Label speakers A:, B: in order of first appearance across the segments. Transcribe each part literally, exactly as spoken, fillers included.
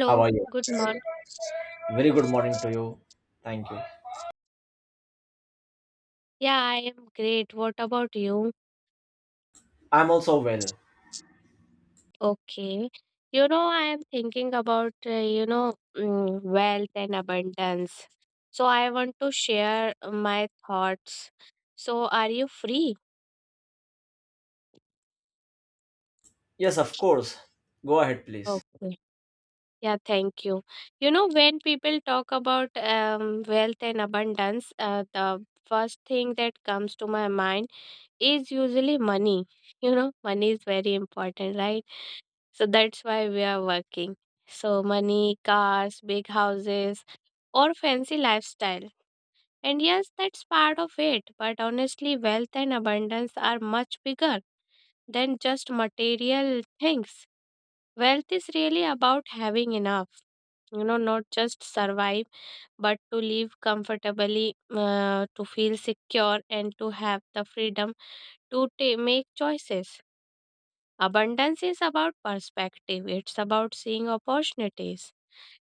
A: How are you?
B: good morning.
A: Very good morning to you. Thank you.
B: Yeah, I am great. What about you?
A: I'm also well.
B: Okay. You know, I am thinking about, uh, you know, mm, wealth and abundance. So I want to share my thoughts. So are you free?
A: Yes, of course. Go ahead, please.
B: Okay. Yeah, thank you. You know, when people talk about um, wealth and abundance, uh, the first thing that comes to my mind is usually money. You know, money is very important, right? So that's why we are working. So money, cars, big houses, or fancy lifestyle. And yes, that's part of it. But honestly, wealth and abundance are much bigger than just material things. Wealth is really about having enough you know not just survive, but to live comfortably, uh, to feel secure and to have the freedom to ta- make choices. Abundance is about perspective, it's about seeing opportunities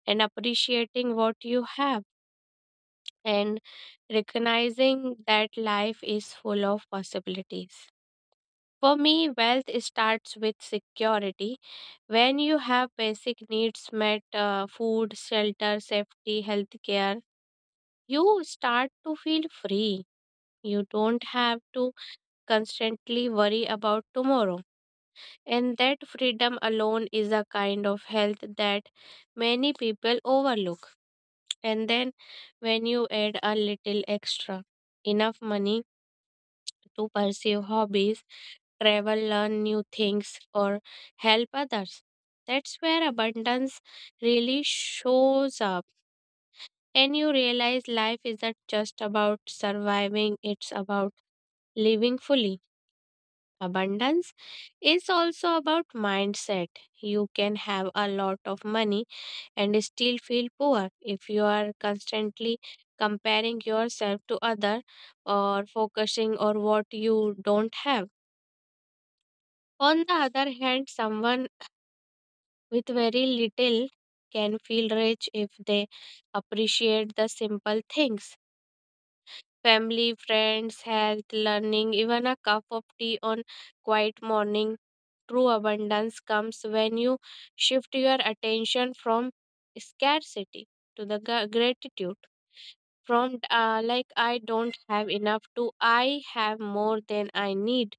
B: and appreciating what you have and recognizing that life is full of possibilities. For me, wealth starts with security. When you have basic needs met, uh, food, shelter, safety, healthcare, you start to feel free. You don't have to constantly worry about tomorrow. And that freedom alone is a kind of health that many people overlook. And then, when you add a little extra, enough money to pursue hobbies, travel, learn new things, or help others, that's where abundance really shows up. And you realize life isn't just about surviving, it's about living fully. Abundance is also about mindset. You can have a lot of money and still feel poor if you are constantly comparing yourself to other or focusing on what you don't have. On the other hand, someone with very little can feel rich if they appreciate the simple things. Family, friends, health, learning, even a cup of tea on quiet morning. True abundance comes when you shift your attention from scarcity to the gra- gratitude. From uh, like I don't have enough to I have more than I need,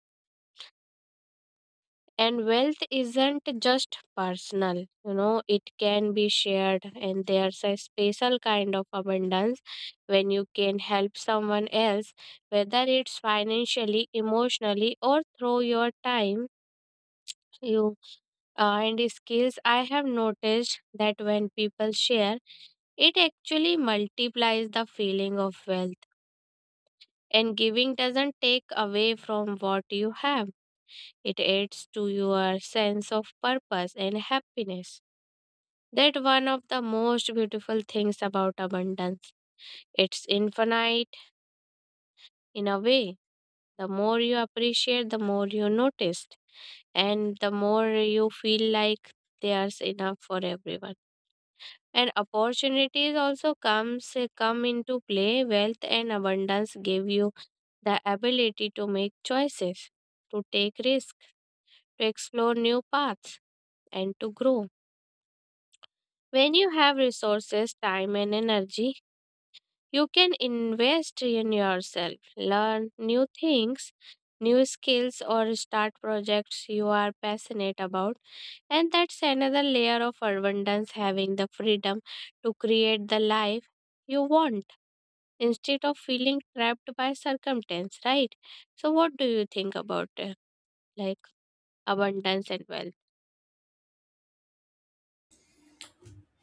B: and wealth isn't just personal you know it can be shared and there's a special kind of abundance when you can help someone else, whether it's financially, emotionally, or through your time, you uh, and skills. I have noticed that when people share, it actually multiplies the feeling of wealth, and giving doesn't take away from what you have, it adds to your sense of purpose and happiness. That one of the most beautiful things about abundance. It's infinite in a way. The more you appreciate, the more you notice, and the more you feel like there's enough for everyone. And opportunities also comes come into play. Wealth and abundance give you the ability to make choices, to take risks, to explore new paths, and to grow. When you have resources, time, and energy, you can invest in yourself, learn new things, new skills, or start projects you are passionate about. And that's another layer of abundance, having the freedom to create the life you want instead of feeling trapped by circumstance, right? So, what do you think about it? Like abundance and wealth.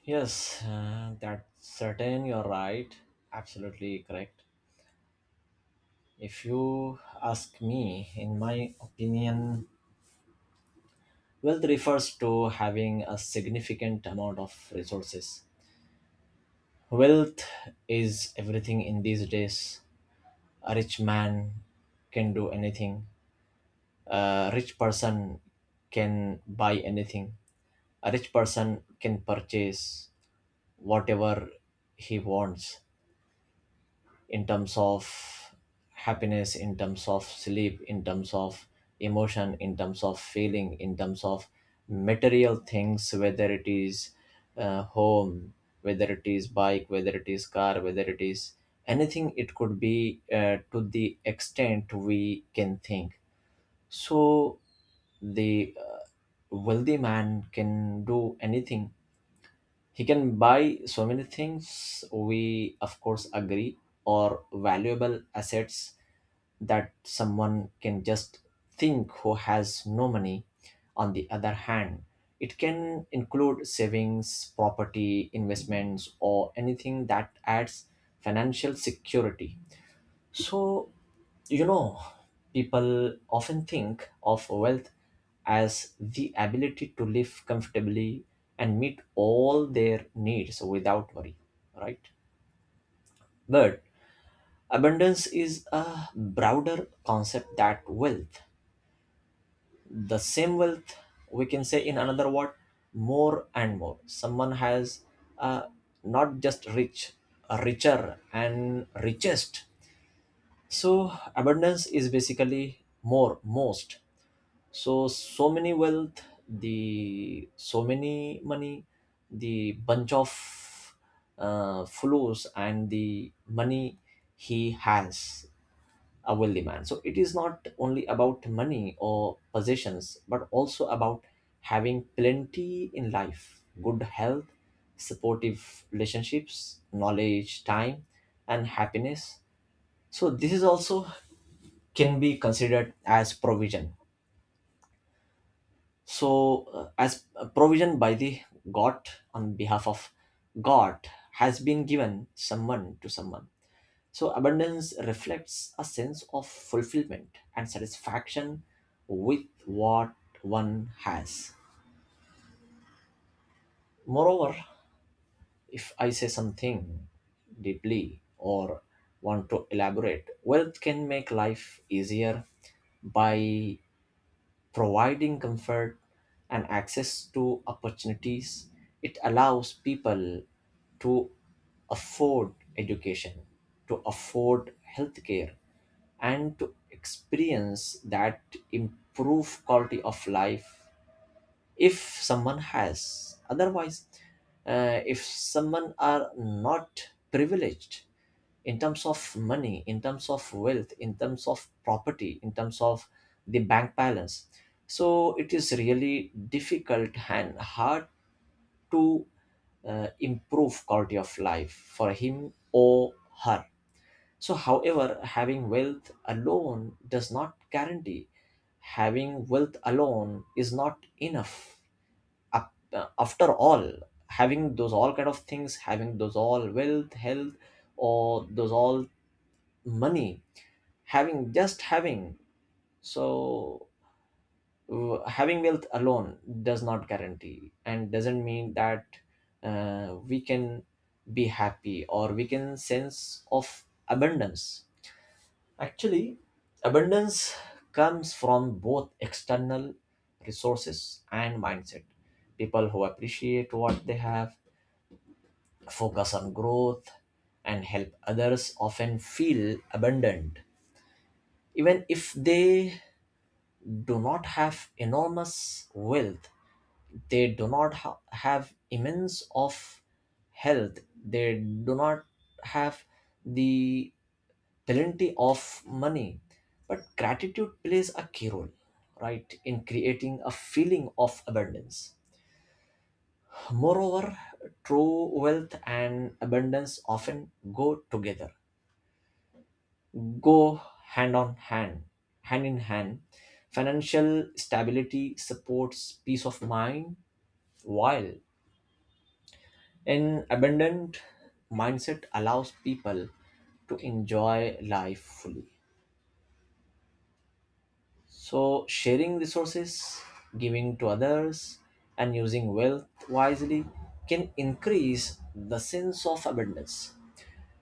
A: Yes, uh, that's certain. You're right. Absolutely correct. If you ask me, in my opinion, wealth refers to having a significant amount of resources. Wealth is everything in these days. A rich man can do anything, a rich person can buy anything, a rich person can purchase whatever he wants, in terms of happiness, in terms of sleep, in terms of emotion, in terms of feeling, in terms of material things, whether it is uh, home, whether it is bike, whether it is car, whether it is anything, it could be uh, to the extent we can think. So the uh, wealthy man can do anything. He can buy so many things, we, of course, agree, or valuable assets that someone can just think who has no money. On the other hand, it can include savings, property, investments, or anything that adds financial security. So, you know, people often think of wealth as the ability to live comfortably and meet all their needs without worry, right? But abundance is a broader concept that wealth. The same wealth, we can say in another word, more and more. Someone has, uh, not just rich, richer and richest. So abundance is basically more most, so so many wealth, the so many money, the bunch of uh, flows and the money he has, a wealthy man. So it is not only about money or possessions, but also about having plenty in life: good health, supportive relationships, knowledge, time, and happiness. So this is also can be considered as provision. So uh, as a provision by the god, on behalf of god, has been given someone to someone. So abundance reflects a sense of fulfillment and satisfaction with what one has. Moreover, if I say something deeply, or want to elaborate, wealth can make life easier by providing comfort and access to opportunities. It allows people to afford education, to afford healthcare, and to experience that improve quality of life if someone has. Otherwise, uh, if someone are not privileged in terms of money, in terms of wealth, in terms of property, in terms of the bank balance. So it is really difficult and hard to uh, improve quality of life for him or her. So, however, having wealth alone does not guarantee. Having wealth alone is not enough. Up- uh, After all, having those all kind of things, having those all wealth, health, or those all money, having just having. So w- having wealth alone does not guarantee and doesn't mean that uh, we can be happy or we can sense of abundance. Actually, abundance comes from both external resources and mindset. People who appreciate what they have, focus on growth, and help others often feel abundant, even if they do not have enormous wealth, they do not ha- have immense of health, they do not have the plenty of money. But gratitude plays a key role, right, in creating a feeling of abundance. Moreover, true wealth and abundance often go together, go hand on hand, hand in hand. Financial stability supports peace of mind, while an abundant mindset allows people to enjoy life fully. So, sharing resources, giving to others, and using wealth wisely can increase the sense of abundance.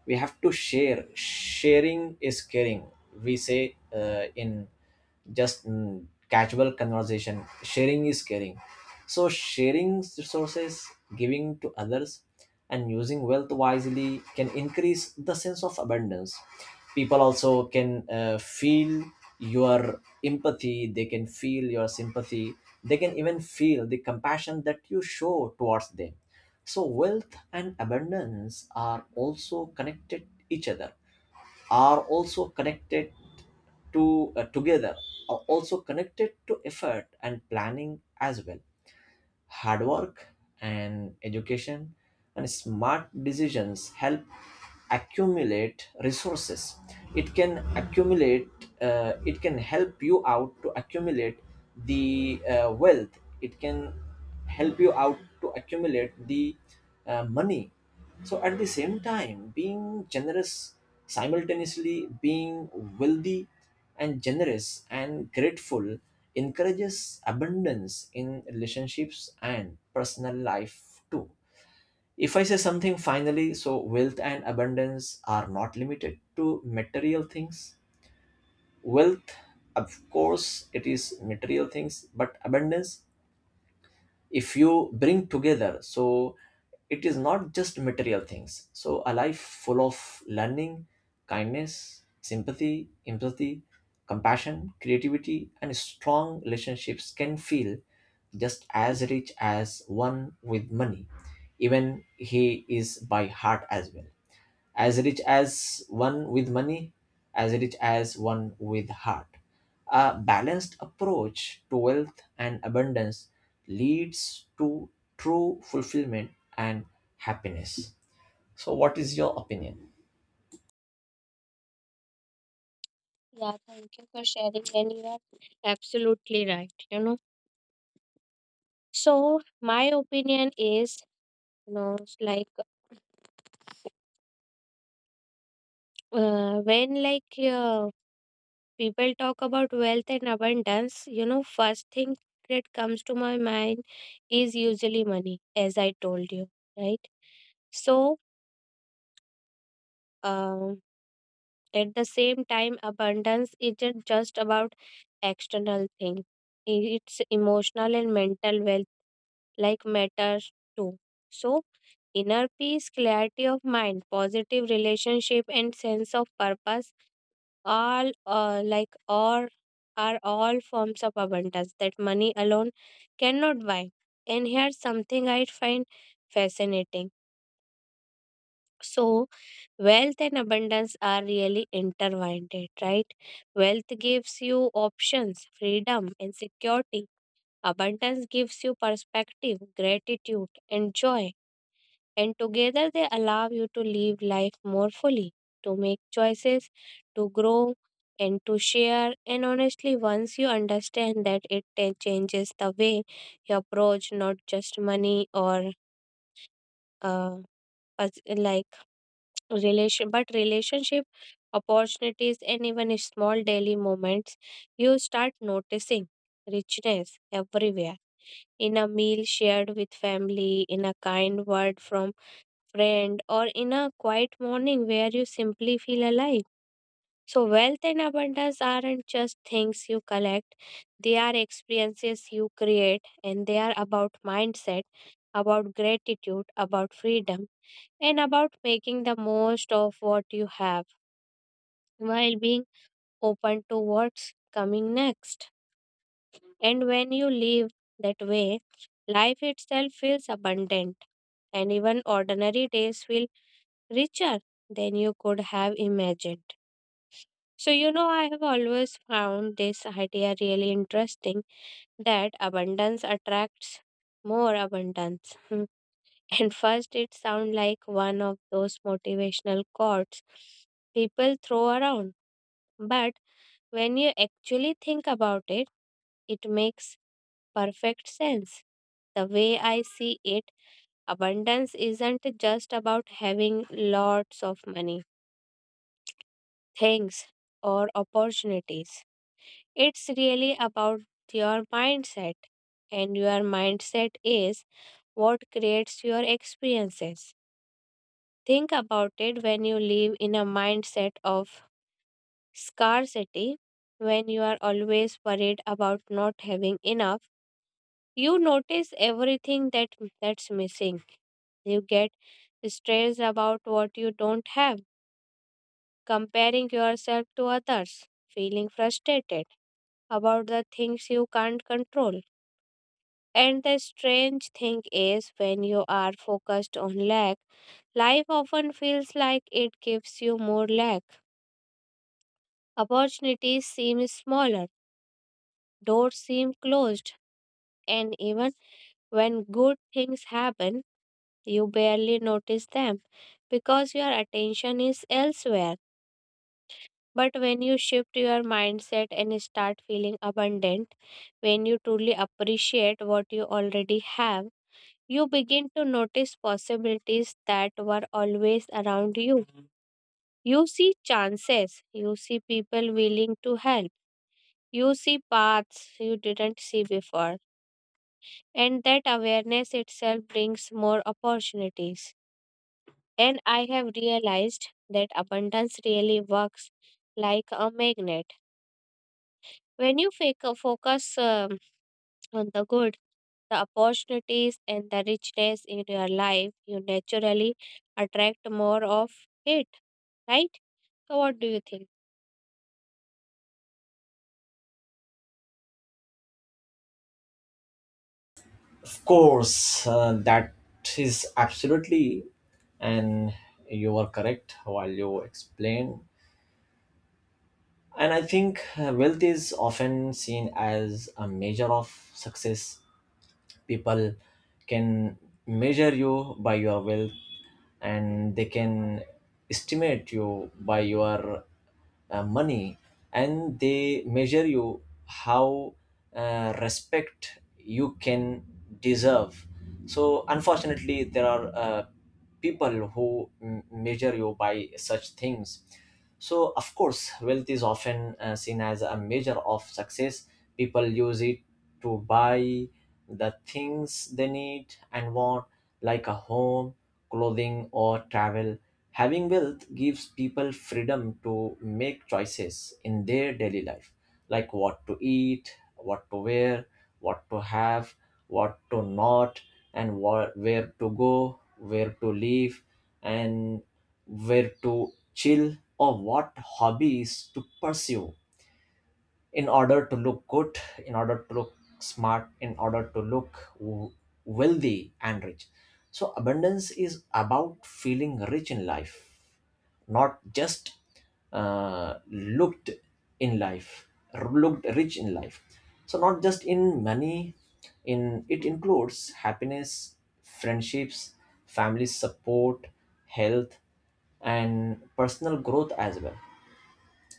A: We have to share, sharing is caring, we say uh, in just mm, casual conversation, sharing is caring. So sharing resources, giving to others, and using wealth wisely can increase the sense of abundance. People also can uh, feel your empathy, they can feel your sympathy, they can even feel the compassion that you show towards them. So wealth and abundance are also connected each other, are also connected to uh, together, are also connected to effort and planning as well. Hard work and education and smart decisions help accumulate resources. It can accumulate, uh, it can help you out to accumulate the uh, wealth, it can help you out to accumulate the uh, money. So at the same time, being generous, simultaneously being wealthy and generous and grateful, encourages abundance in relationships and personal life too. If I say something finally, so wealth and abundance are not limited to material things. Wealth, of course, it is material things, but abundance, if you bring together, so it is not just material things. So a life full of learning, kindness, sympathy, empathy, compassion, creativity, and strong relationships can feel just as rich as one with money, even he is by heart as well, as rich as one with money, as rich as one with heart. A balanced approach to wealth and abundance leads to true fulfillment and happiness. So, what is your opinion?
B: Yeah, thank you for sharing, and you are absolutely right. You know, so my opinion is, you know, like uh, when like uh, people talk about wealth and abundance you know first thing that comes to my mind is usually money as I told you, right? So um, at the same time abundance isn't just about external thing. I- it's emotional and mental wealth like matters too. So inner peace, clarity of mind, positive relationship and sense of purpose, all uh, like or are all forms of abundance that money alone cannot buy. And here's something I find fascinating. So wealth and abundance are really intertwined, right? Wealth gives you options, freedom and security. Abundance gives you perspective, gratitude and joy. And together they allow you to live life more fully, to make choices, to grow, and to share. And honestly, once you understand that, it ta- changes the way you approach not just money or uh, pers- like relation, but relationship, opportunities and even small daily moments. You start noticing richness everywhere, in a meal shared with family, in a kind word from friend, or in a quiet morning where you simply feel alive. So, wealth and abundance aren't just things you collect, they are experiences you create, and they are about mindset, about gratitude, about freedom, and about making the most of what you have while being open to what's coming next. And when you live that way, life itself feels abundant, and even ordinary days feel richer than you could have imagined. So, you know, I have always found this idea really interesting, that abundance attracts more abundance. And first, it sounds like one of those motivational quotes people throw around. But when you actually think about it, it makes perfect sense. The way I see it, abundance isn't just about having lots of money, things or opportunities. It's really about your mindset, and your mindset is what creates your experiences. Think about it. When you live in a mindset of scarcity, when you are always worried about not having enough, you notice everything that that's missing. You get stressed about what you don't have, comparing yourself to others, feeling frustrated about the things you can't control. And the strange thing is, when you are focused on lack, life often feels like it gives you more lack. Opportunities seem smaller, doors seem closed, and even when good things happen, you barely notice them because your attention is elsewhere. But when you shift your mindset and start feeling abundant, when you truly appreciate what you already have, you begin to notice possibilities that were always around you. You see chances, you see people willing to help, you see paths you didn't see before. And that awareness itself brings more opportunities. And I have realized that abundance really works like a magnet. When you fake- focus um, on the good, the opportunities and the richness in your life, you naturally attract more of it, right? So, what do you think?
A: Of course, uh, that is absolutely, and you were correct while you explained. And I think uh, wealth is often seen as a measure of success. People can measure you by your wealth, and they can estimate you by your uh, money, and they measure you how uh, respect you can deserve. So unfortunately, there are uh, people who m- measure you by such things. So of course wealth is often uh, seen as a measure of success. People use it to buy the things they need and want, like a home, clothing, or travel. Having wealth gives people freedom to make choices in their daily life, like what to eat, what to wear, what to have, what to not, and wha- where to go, where to live, and where to chill, or what hobbies to pursue, in order to look good, in order to look smart, in order to look w- wealthy and rich. So, abundance is about feeling rich in life, not just uh, looked in life, looked rich in life. So, not just in money, in it includes happiness, friendships, family support, health, and personal growth as well.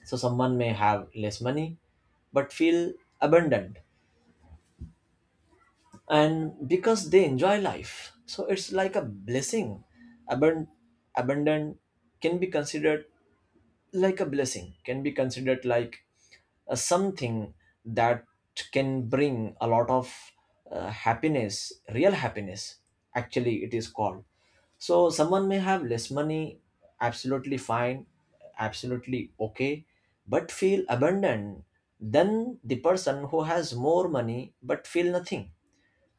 A: So someone may have less money but feel abundant, and because they enjoy life, so it's like a blessing. Abund- abundant can be considered like a blessing, can be considered like uh, something that can bring a lot of uh, happiness, real happiness, actually it is called. So someone may have less money, absolutely fine, absolutely okay, but feel abundant, than the person who has more money but feel nothing,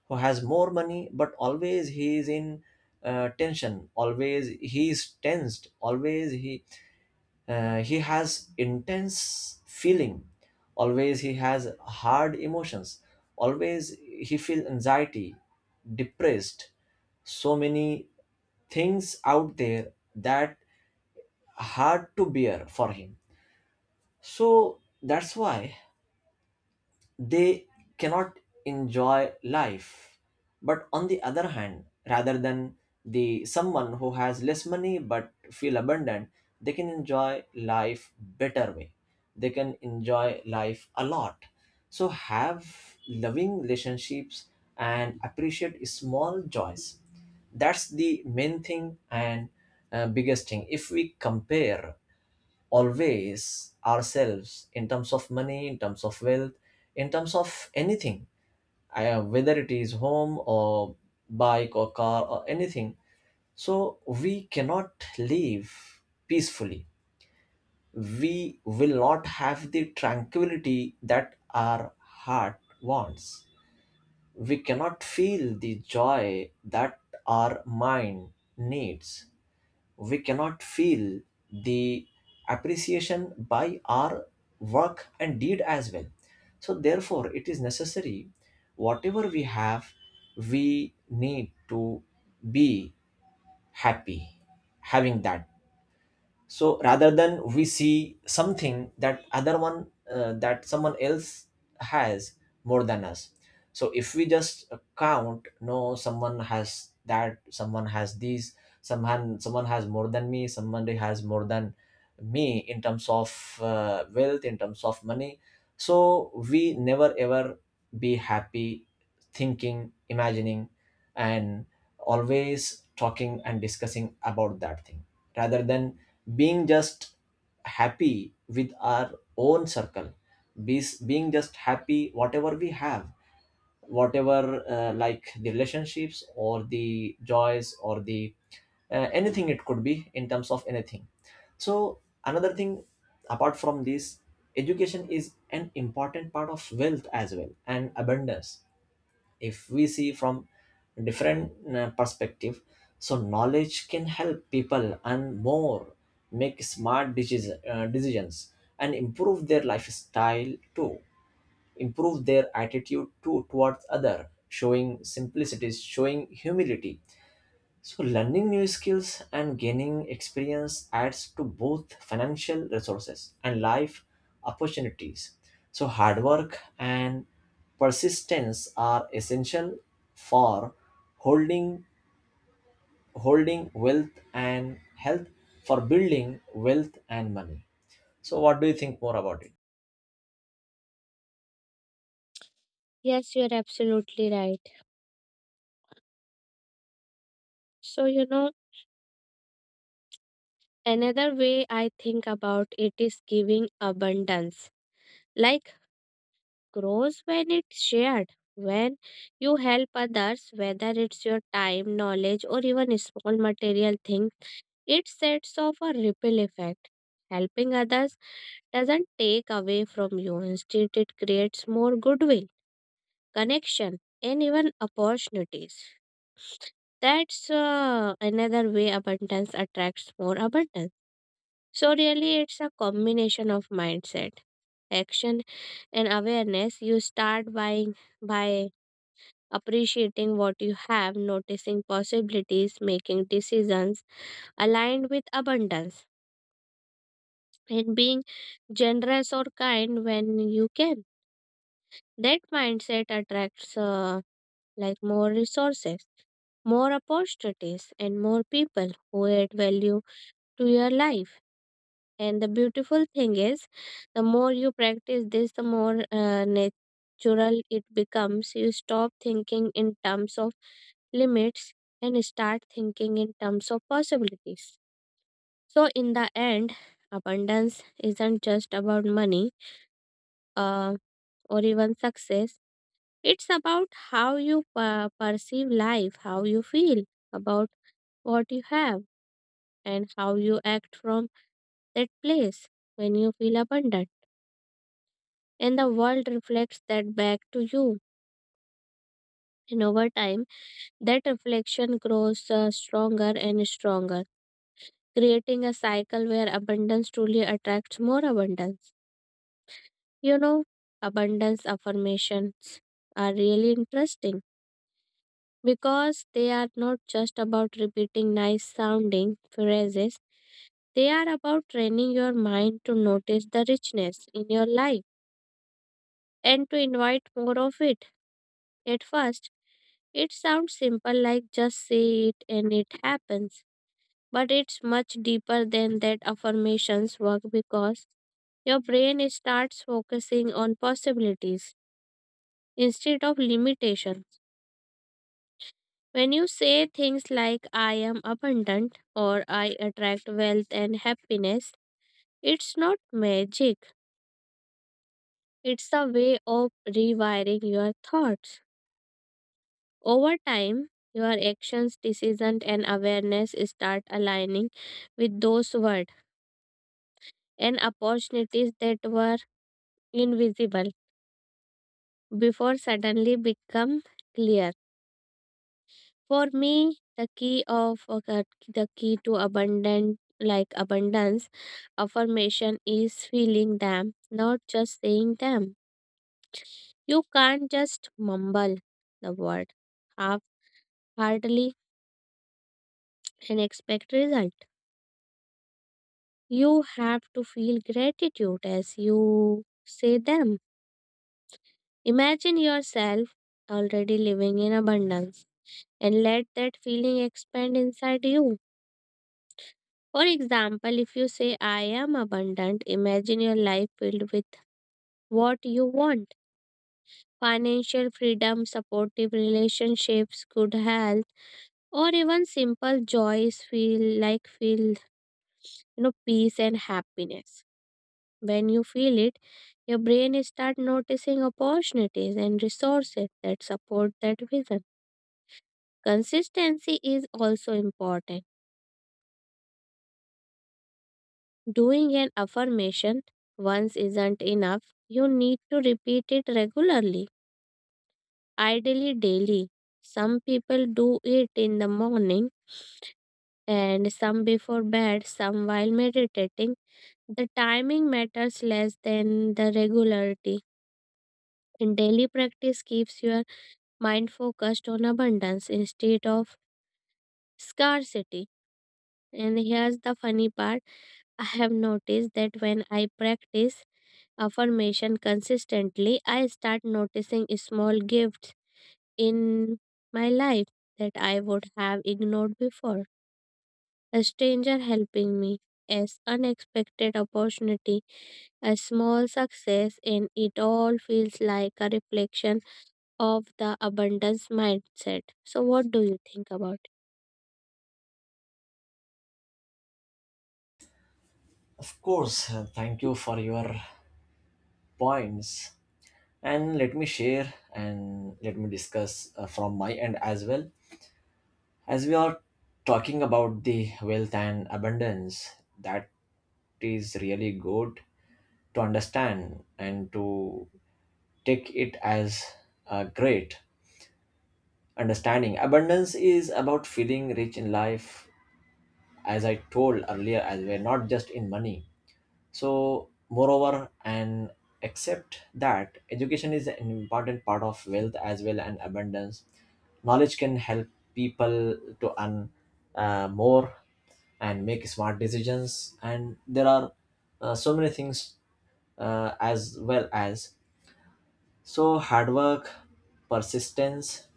A: who has more money but always he is in uh, tension, always he is tensed, always he uh, he has intense feeling. Always he has hard emotions. Always he feel anxiety, depressed. So many things out there that hard to bear for him. So that's why they cannot enjoy life. But on the other hand, rather than the someone who has less money but feel abundant, they can enjoy life better way, they can enjoy life a lot. So have loving relationships and appreciate small joys, that's the main thing and uh, biggest thing. If we compare always ourselves in terms of money, in terms of wealth, in terms of anything, I- whether it is home or bike or car or anything. So we cannot live peacefully. We will not have the tranquility that our heart wants. We cannot feel the joy that our mind needs. We cannot feel the appreciation by our work and deed as well. So, therefore, it is necessary, whatever we have, we need to be happy having that. So rather than we see something that other one, uh, that someone else has more than us, so if we just count, no, someone has that, someone has these, someone someone has more than me, someone has more than me in terms of uh, wealth, in terms of money. So we never ever be happy thinking, imagining, and always talking and discussing about that thing, rather than being just happy with our own circle, be, being just happy whatever we have, whatever uh, like the relationships or the joys or the uh, anything, it could be in terms of anything. So another thing apart from this, education is an important part of wealth as well, and abundance, if we see from different uh, perspective. So knowledge can help people and more make smart decis- uh, decisions, and improve their lifestyle too, improve their attitude to towards other, showing simplicity, showing humility. So learning new skills and gaining experience adds to both financial resources and life opportunities. So hard work and persistence are essential for holding holding wealth and health, for building wealth and money. So what do you think more about it?
B: Yes, you're absolutely right. So, you know, another way I think about it is giving abundance. Like, grows when it's shared. When you help others, whether it's your time, knowledge, or even small material thing, it sets off a ripple effect. Helping others doesn't take away from you. Instead, it creates more goodwill, connection, and even opportunities. That's uh, another way abundance attracts more abundance. So, really, it's a combination of mindset, action, and awareness. You start buying by appreciating what you have, noticing possibilities, making decisions aligned with abundance, and being generous or kind when you can. That mindset attracts uh, like more resources, more opportunities, and more people who add value to your life. And the beautiful thing is, the more you practice this, the more uh, natural it becomes. You stop thinking in terms of limits and start thinking in terms of possibilities. So, in the end, abundance isn't just about money uh, or even success. It's about how you per- perceive life, how you feel about what you have, and how you act from that place when you feel abundant. And the world reflects that back to you. And over time, that reflection grows uh, stronger and stronger, creating a cycle where abundance truly attracts more abundance. You know, abundance affirmations are really interesting because they are not just about repeating nice sounding phrases, they are about training your mind to notice the richness in your life and to invite more of it. At first, it sounds simple like just say it and it happens, but it's much deeper than that. Affirmations work because your brain starts focusing on possibilities instead of limitation. When you say things like I am abundant or I attract wealth and happiness, it's not magic. It's a way of rewiring your thoughts. Over time, your actions, decisions, and awareness start aligning with those words, and opportunities that were invisible before suddenly become clear. For me, the key of okay, the key to abundant like abundance affirmation is feeling them, not just saying them. You can't just mumble the word half heartedly and expect result. You have to feel gratitude as you say them. Imagine yourself already living in abundance and let that feeling expand inside you. For example, if you say, I am abundant, imagine your life filled with what you want, financial freedom, supportive relationships, good health, or even simple joys feel like feel you know, peace and happiness. When you feel it, your brain start noticing opportunities and resources that support that vision. Consistency is also important. Doing an affirmation once isn't enough. You need to repeat it regularly, ideally daily. Some people do it in the morning and some before bed, some while meditating. The timing matters less than the regularity. And daily practice keeps your mind focused on abundance instead of scarcity. And here's the funny part. I have noticed that when I practice affirmation consistently, I start noticing small gifts in my life that I would have ignored before. A stranger helping me, an unexpected opportunity, a small success, and it all feels like a reflection of the abundance mindset. So, what do you think about it?
A: Of course, uh, thank you for your points, and let me share and let me discuss uh, from my end as well. As we are talking about the wealth and abundance, that is really good to understand and to take it as a great understanding. Abundance is about feeling rich in life, as I told earlier as well, not just in money. So, moreover, and except that education is an important part of wealth as well and abundance, knowledge can help people to earn uh, more and make smart decisions. And there are uh, so many things uh, as well. As so hard work, persistence,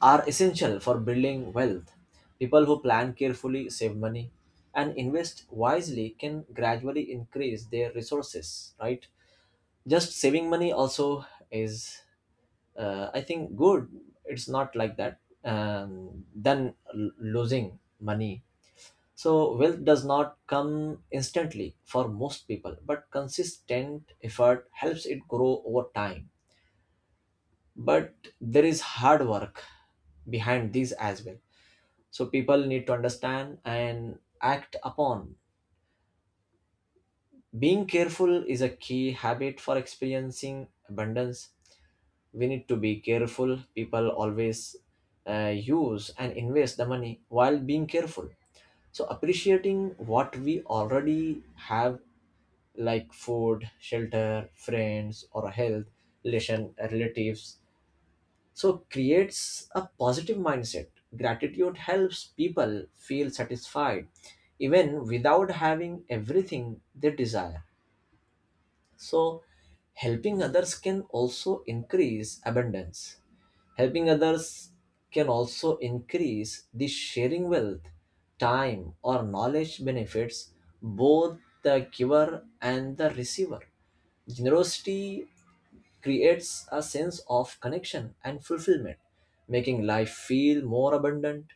A: are essential for building wealth. People who plan carefully, save money, and invest wisely can gradually increase their resources, right? Just saving money also is, uh, I think, good. It's not like that um, than l- losing money. So, wealth does not come instantly for most people, but consistent effort helps it grow over time. But there is hard work behind these as well, so people need to understand and act upon. Being careful is a key habit for experiencing abundance. We need to be careful. People always uh, use and invest the money while being careful. So appreciating what we already have, like food, shelter, friends, or health, relation relatives, so creates a positive mindset. Gratitude helps people feel satisfied even without having everything they desire. So helping others can also increase abundance. Helping others can also increase the sharing wealth. Time or knowledge benefits both the giver and the receiver. Generosity creates a sense of connection and fulfillment, making life feel more abundant.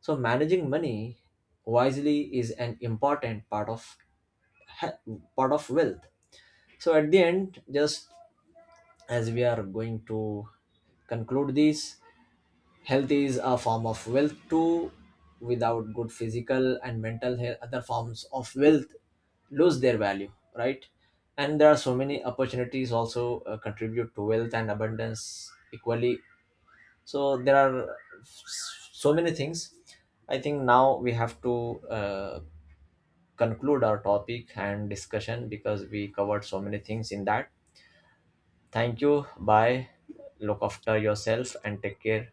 A: So managing money wisely is an important part of he- part of wealth. So at the end, just as we are going to conclude this, health is a form of wealth too. Without good physical and mental health, other forms of wealth lose their value, right? And there are so many opportunities also uh, contribute to wealth and abundance equally. So there are s- so many things. I think now we have to uh, conclude our topic and discussion, because we covered so many things in that. Thank you. Bye. Look after yourself and take care.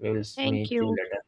A: We will
B: Thank
A: meet you
B: you.
A: later.